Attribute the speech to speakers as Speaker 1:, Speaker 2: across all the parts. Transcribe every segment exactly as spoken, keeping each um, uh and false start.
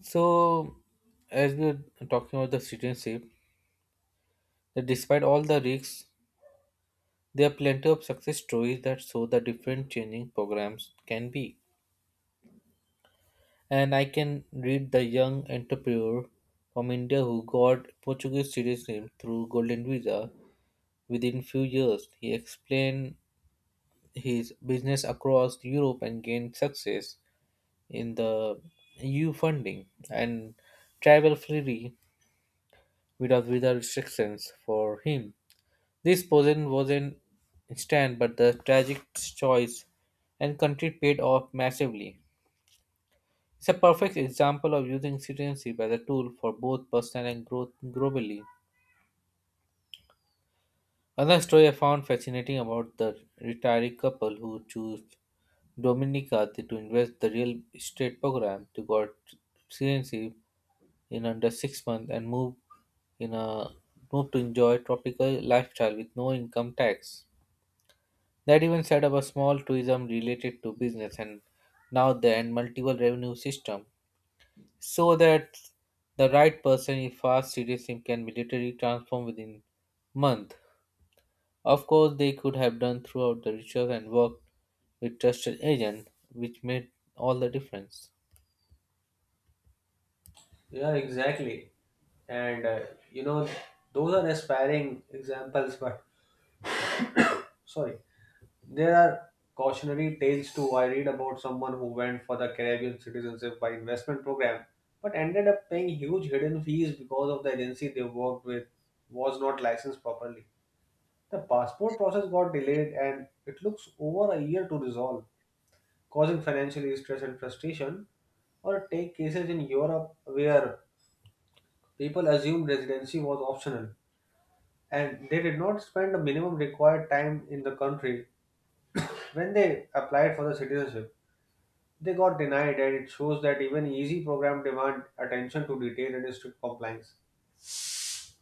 Speaker 1: So, as we're talking about the citizenship, that despite all the risks, there are plenty of success stories that show the different changing programs can be. And I can read the young entrepreneur from India who got Portuguese citizenship through Golden Visa within few years. He explained his business across Europe and gained success in the E U funding and travel freely without visa restrictions for him. This position was an instant but the tragic choice and country paid off massively. It's a perfect example of using citizenship as a tool for both personal and growth globally. Another story I found fascinating about the retired couple who chose Dominica to invest the real estate program to got citizenship in under six months and move in a move to enjoy tropical lifestyle with no income tax. That even set up a small tourism related to business and now then multiple revenue system so that the right person in fast cities can military transform within month. Of course they could have done throughout the ritual and worked with trusted agent which made all the difference.
Speaker 2: Yeah, exactly. And uh, you know, those are aspiring examples, but sorry, there are cautionary tales too. I read about someone who went for the Caribbean Citizenship by Investment Program, but ended up paying huge hidden fees because of the agency they worked with was not licensed properly. The passport process got delayed, and it looks over a year to resolve, causing financial stress and frustration. Or take cases in Europe where people assumed residency was optional and they did not spend the minimum required time in the country when they applied for the citizenship. They got denied, and it shows that even easy programs demand attention to detail and strict compliance.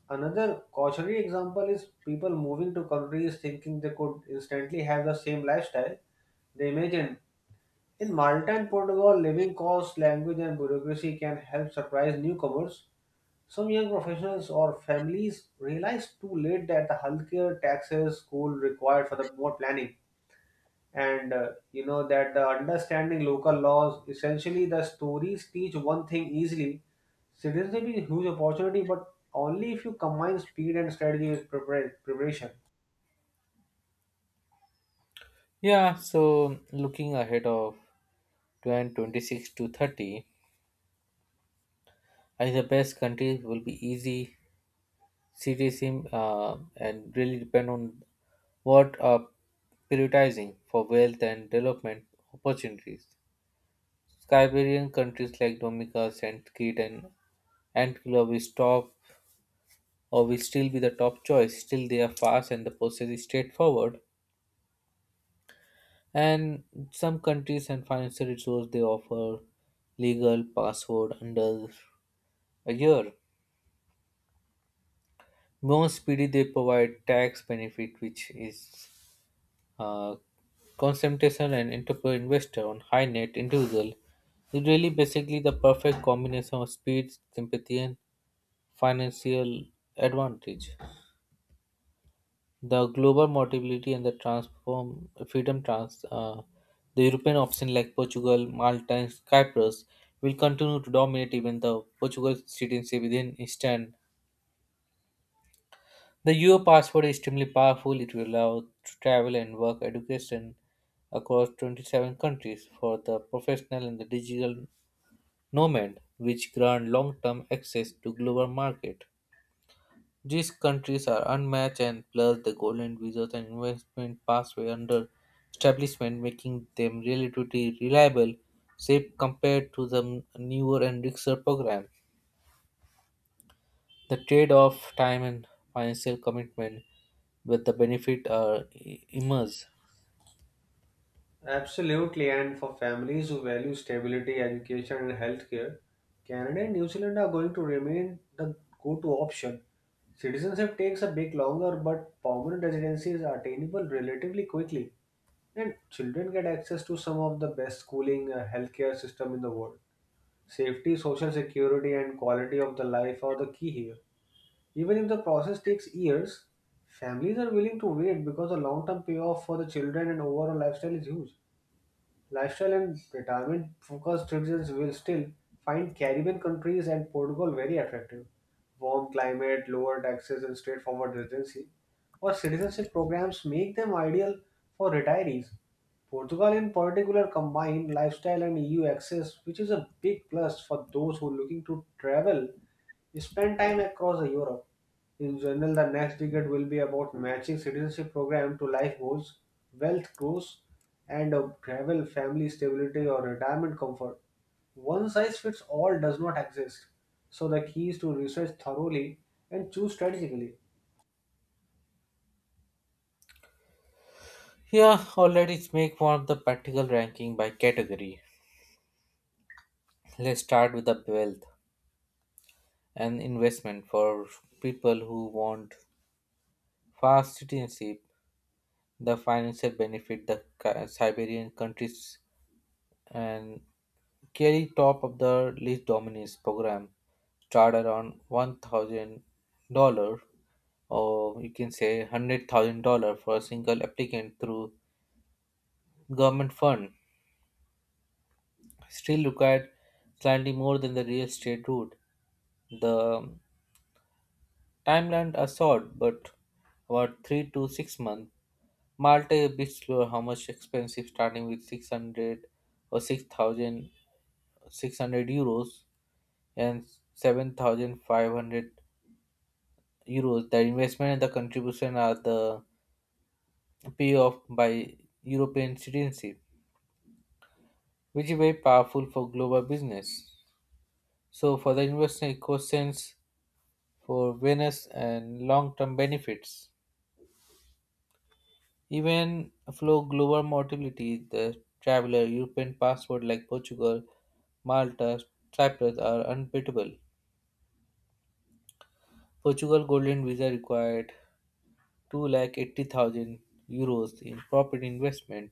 Speaker 2: Another cautionary example is people moving to countries thinking they could instantly have the same lifestyle they imagine. In Malta and Portugal, living costs, language, and bureaucracy can help surprise newcomers. Some young professionals or families realize too late that the healthcare taxes school required for the more planning and uh, you know that the understanding local laws essentially the stories teach one thing easily, citizenship is a huge opportunity but only if you combine speed and strategy with prepara- preparation.
Speaker 1: Yeah, so looking ahead of two thousand twenty-six to thirty, I think the best countries will be easy city sim, uh, and really depend on what are prioritizing for wealth and development opportunities. Siberian countries like Dominica, Saint Kitts, and Antigua will stop or will still be the top choice. Still, they are fast and the process is straightforward. And some countries and financial resources they offer legal password under a year. More speedy, they provide tax benefit, which is uh, concentration and entrepreneur investor on high net individual is really basically the perfect combination of speed, sympathy, and financial advantage. The global mobility and the transform freedom trans uh, the European option like Portugal, Malta, and Cyprus will continue to dominate even the Portugal citizenship within instant. The E U passport is extremely powerful. It will allow to travel and work education across twenty-seven countries for the professional and the digital nomad, which grant long-term access to global market. These countries are unmatched and plus the golden visas and investment pathway under establishment making them relatively reliable, safe compared to the newer and richer programs. The trade off time and financial commitment with the benefit are i- immense.
Speaker 2: Absolutely, and for families who value stability, education, and healthcare, Canada and New Zealand are going to remain the go to option. Citizenship takes a bit longer, but permanent residency is attainable relatively quickly, and children get access to some of the best schooling, uh, healthcare system in the world. Safety, social security, and quality of the life are the key here. Even if the process takes years, families are willing to wait because the long term payoff for the children and overall lifestyle is huge. Lifestyle and retirement focused citizens will still find Caribbean countries and Portugal very attractive. Warm climate, lower taxes, and straightforward residency or citizenship programs make them ideal for retirees. Portugal, in particular, combined lifestyle and E U access, which is a big plus for those who are looking to travel, he spent time across Europe. In general, the next decade will be about matching citizenship program to life goals, wealth growth, and uh, travel, family stability, or retirement comfort. One size fits all does not exist. So the key is to research thoroughly and choose strategically.
Speaker 1: Yeah, all right, let's make one of the practical ranking by category. Let's start with the wealth and investment for people who want fast citizenship, the financial benefit, the Ki- Siberian countries, and carry top of the list dominates program, start around one thousand dollar or you can say one hundred thousand dollars for a single applicant through government fund, still required slightly more than the real estate route. The timelines are short, but about three to six months. Malta is a bit slower, how much expensive, starting with six hundred or six thousand six hundred euros and seven thousand five hundred euros. The investment and the contribution are the payoff by European citizenship, which is very powerful for global business. So for the investment, it costs sense for awareness and long-term benefits. Even flow global mobility, the traveler European passport like Portugal, Malta, Cyprus are unbeatable. Portugal Golden Visa required two lakh eighty thousand euros in property investment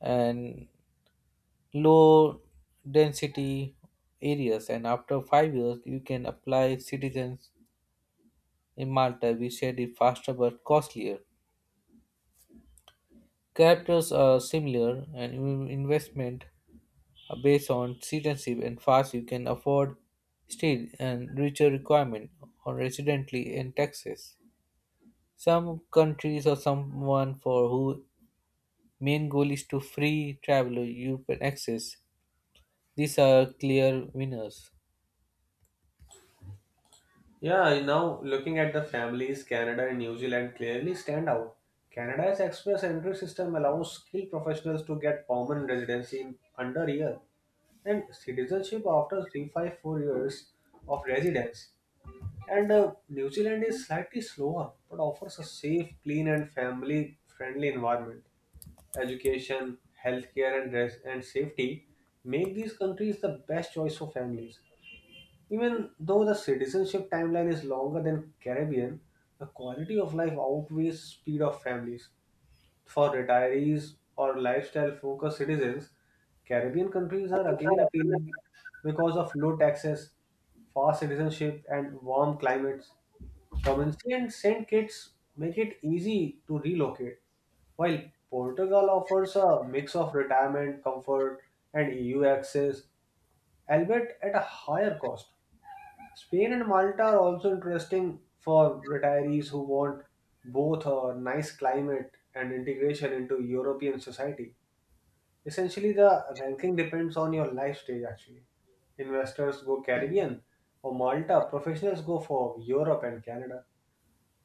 Speaker 1: and low density areas, and after five years you can apply citizens. In Malta, we shared it faster but costlier. Characters are similar, and in- investment are based on citizenship and fast you can afford steel and richer requirement or residently in Texas. Some countries or someone for who main goal is to free traveler European access. These are clear winners.
Speaker 2: Yeah, now looking at the families, Canada and New Zealand clearly stand out. Canada's express entry system allows skilled professionals to get permanent residency in under a year and citizenship after three five four years of residence. And uh, New Zealand is slightly slower but offers a safe, clean, and family friendly environment. Education, healthcare, and, res- and safety make these countries the best choice for families. Even though the citizenship timeline is longer than Caribbean, the quality of life outweighs speed of families. For retirees or lifestyle focused citizens, Caribbean countries are again appealing because of low taxes, fast citizenship, and warm climates. Dominican and Saint Kitts make it easy to relocate, while Portugal offers a mix of retirement, comfort, and E U access, albeit at a higher cost. Spain and Malta are also interesting for retirees who want both a nice climate and integration into European society. Essentially, the ranking depends on your life stage actually. Investors go Caribbean or Malta, professionals go for Europe and Canada,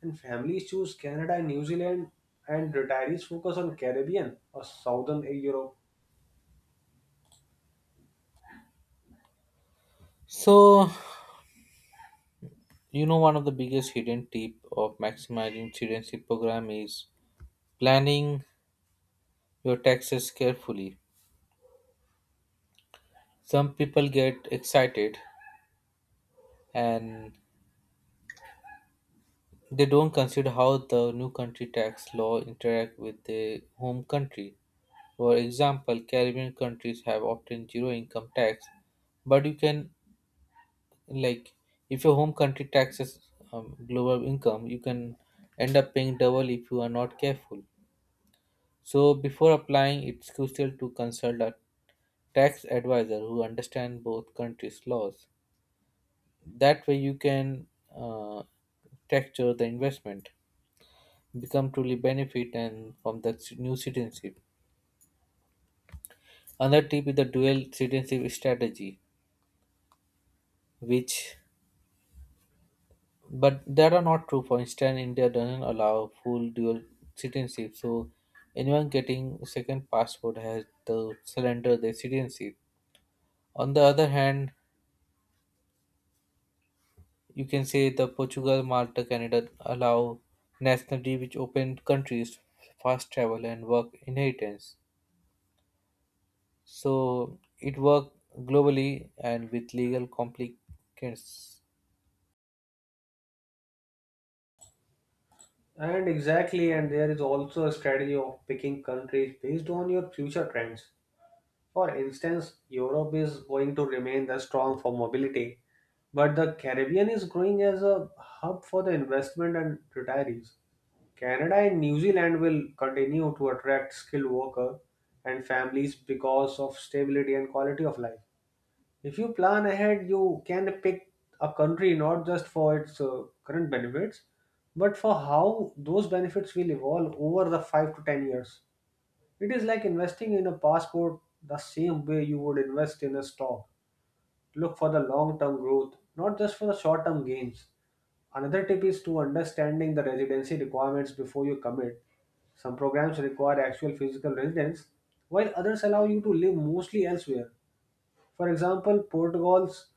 Speaker 2: and families choose Canada and New Zealand, and retirees focus on Caribbean or Southern Europe.
Speaker 1: So, you know, one of the biggest hidden tip of maximizing citizenship program is planning your taxes carefully. Some people get excited and they don't consider how the new country tax law interact with their home country. For example, Caribbean countries have often zero income tax, but you can, like, if your home country taxes um, global income, you can end up paying double if you are not careful. So before applying, it's crucial to consult a tax advisor who understands both countries' laws. That way you can uh, texture the investment become truly benefit and from the ci- new citizenship. Another tip is the dual citizenship strategy, which but that are not true. For instance, India doesn't allow full dual citizenship, so anyone getting second passport has to surrender their citizenship. On the other hand, you can say the Portugal, Malta, Canada allow nationality which open countries fast travel and work inheritance. So it worked globally and with legal complications.
Speaker 2: And exactly, and there is also a strategy of picking countries based on your future trends. For instance, Europe is going to remain the strong for mobility, but the Caribbean is growing as a hub for the investment and retirees. Canada and New Zealand will continue to attract skilled workers and families because of stability and quality of life. If you plan ahead, you can pick a country not just for its uh, current benefits, but for how those benefits will evolve over the five to ten years. It is like investing in a passport the same way you would invest in a stock. Look for the long term growth, not just for the short term gains. Another tip is to understanding the residency requirements before you commit. Some programs require actual physical residence, while others allow you to live mostly elsewhere. For example, Portugal's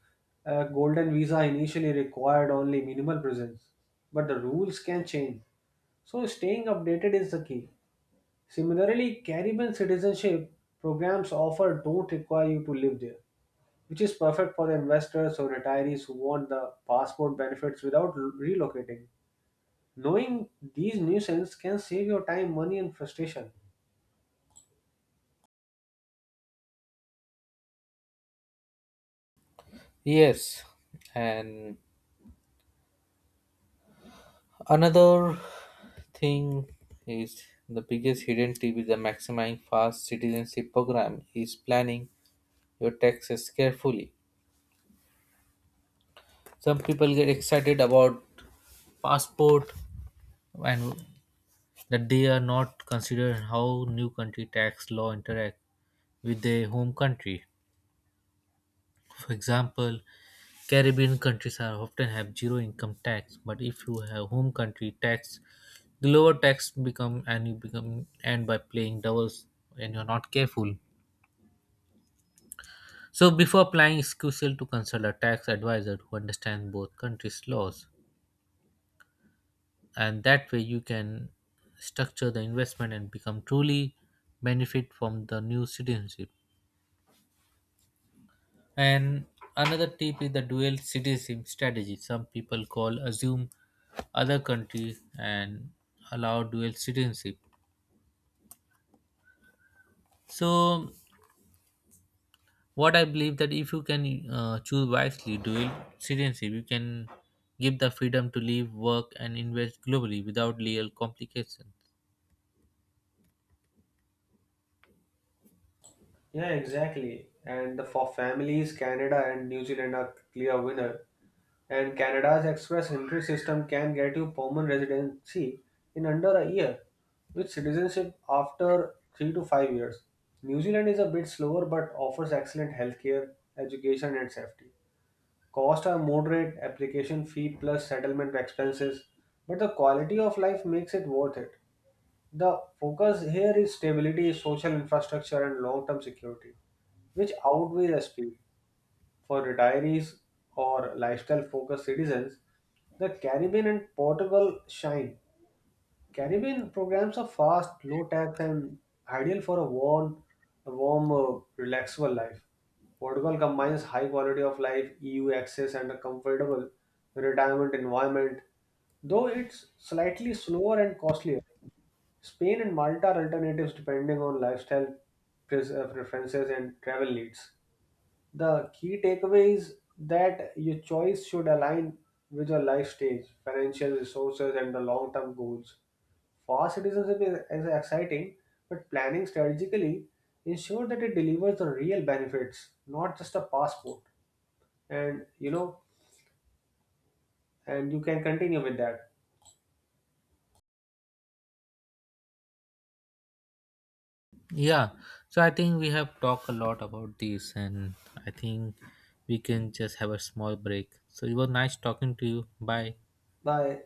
Speaker 2: uh, golden visa initially required only minimal presence, but the rules can change. So, staying updated is the key. Similarly, Caribbean citizenship programs offered don't require you to live there, which is perfect for the investors or retirees who want the passport benefits without l- relocating. Knowing these nuisances can save your time, money, and frustration.
Speaker 1: Yes, and another thing is the biggest hidden tip is the maximizing fast citizenship program is planning your taxes carefully. Some people get excited about passport and that they are not considering how new country tax law interact with their home country. For example, Caribbean countries are often have zero income tax, but if you have home country tax, the lower tax become and you become and by playing doubles and you're not careful. So before applying, it's crucial to consult a tax advisor who understands both countries' laws, and that way you can structure the investment and become truly benefit from the new citizenship. And another tip is the dual citizenship strategy. Some people call assume other country and allow dual citizenship. So what I believe that if you can uh, choose wisely dual citizenship, you can give the freedom to live, work, and invest globally without legal complications.
Speaker 2: Yeah, exactly. And the- for families, Canada and New Zealand are clear winner. And Canada's express entry system can get you permanent residency in under a year, with citizenship after three to five years. New Zealand is a bit slower but offers excellent healthcare, education, and safety. Costs are moderate, application fee plus settlement expenses, but the quality of life makes it worth it. The focus here is stability, social infrastructure, and long term security, which outweighs the speed. For retirees or lifestyle focused citizens, the Caribbean and Portugal shine. Caribbean programs are fast, low tax, and ideal for a warm, a warm, uh, relaxable life. Portugal combines high quality of life, E U access, and a comfortable retirement environment, though it's slightly slower and costlier. Spain and Malta are alternatives depending on lifestyle pres- uh, preferences and travel needs. The key takeaway is that your choice should align with your life stage, financial resources, and the long term goals. Fast citizenship is, is exciting, but planning strategically ensure that it delivers the real benefits, not just a passport. And you know, and you can continue with that.
Speaker 1: Yeah, so I think we have talked a lot about this, and I think we can just have a small break. So it was nice talking to you. Bye.
Speaker 2: Bye.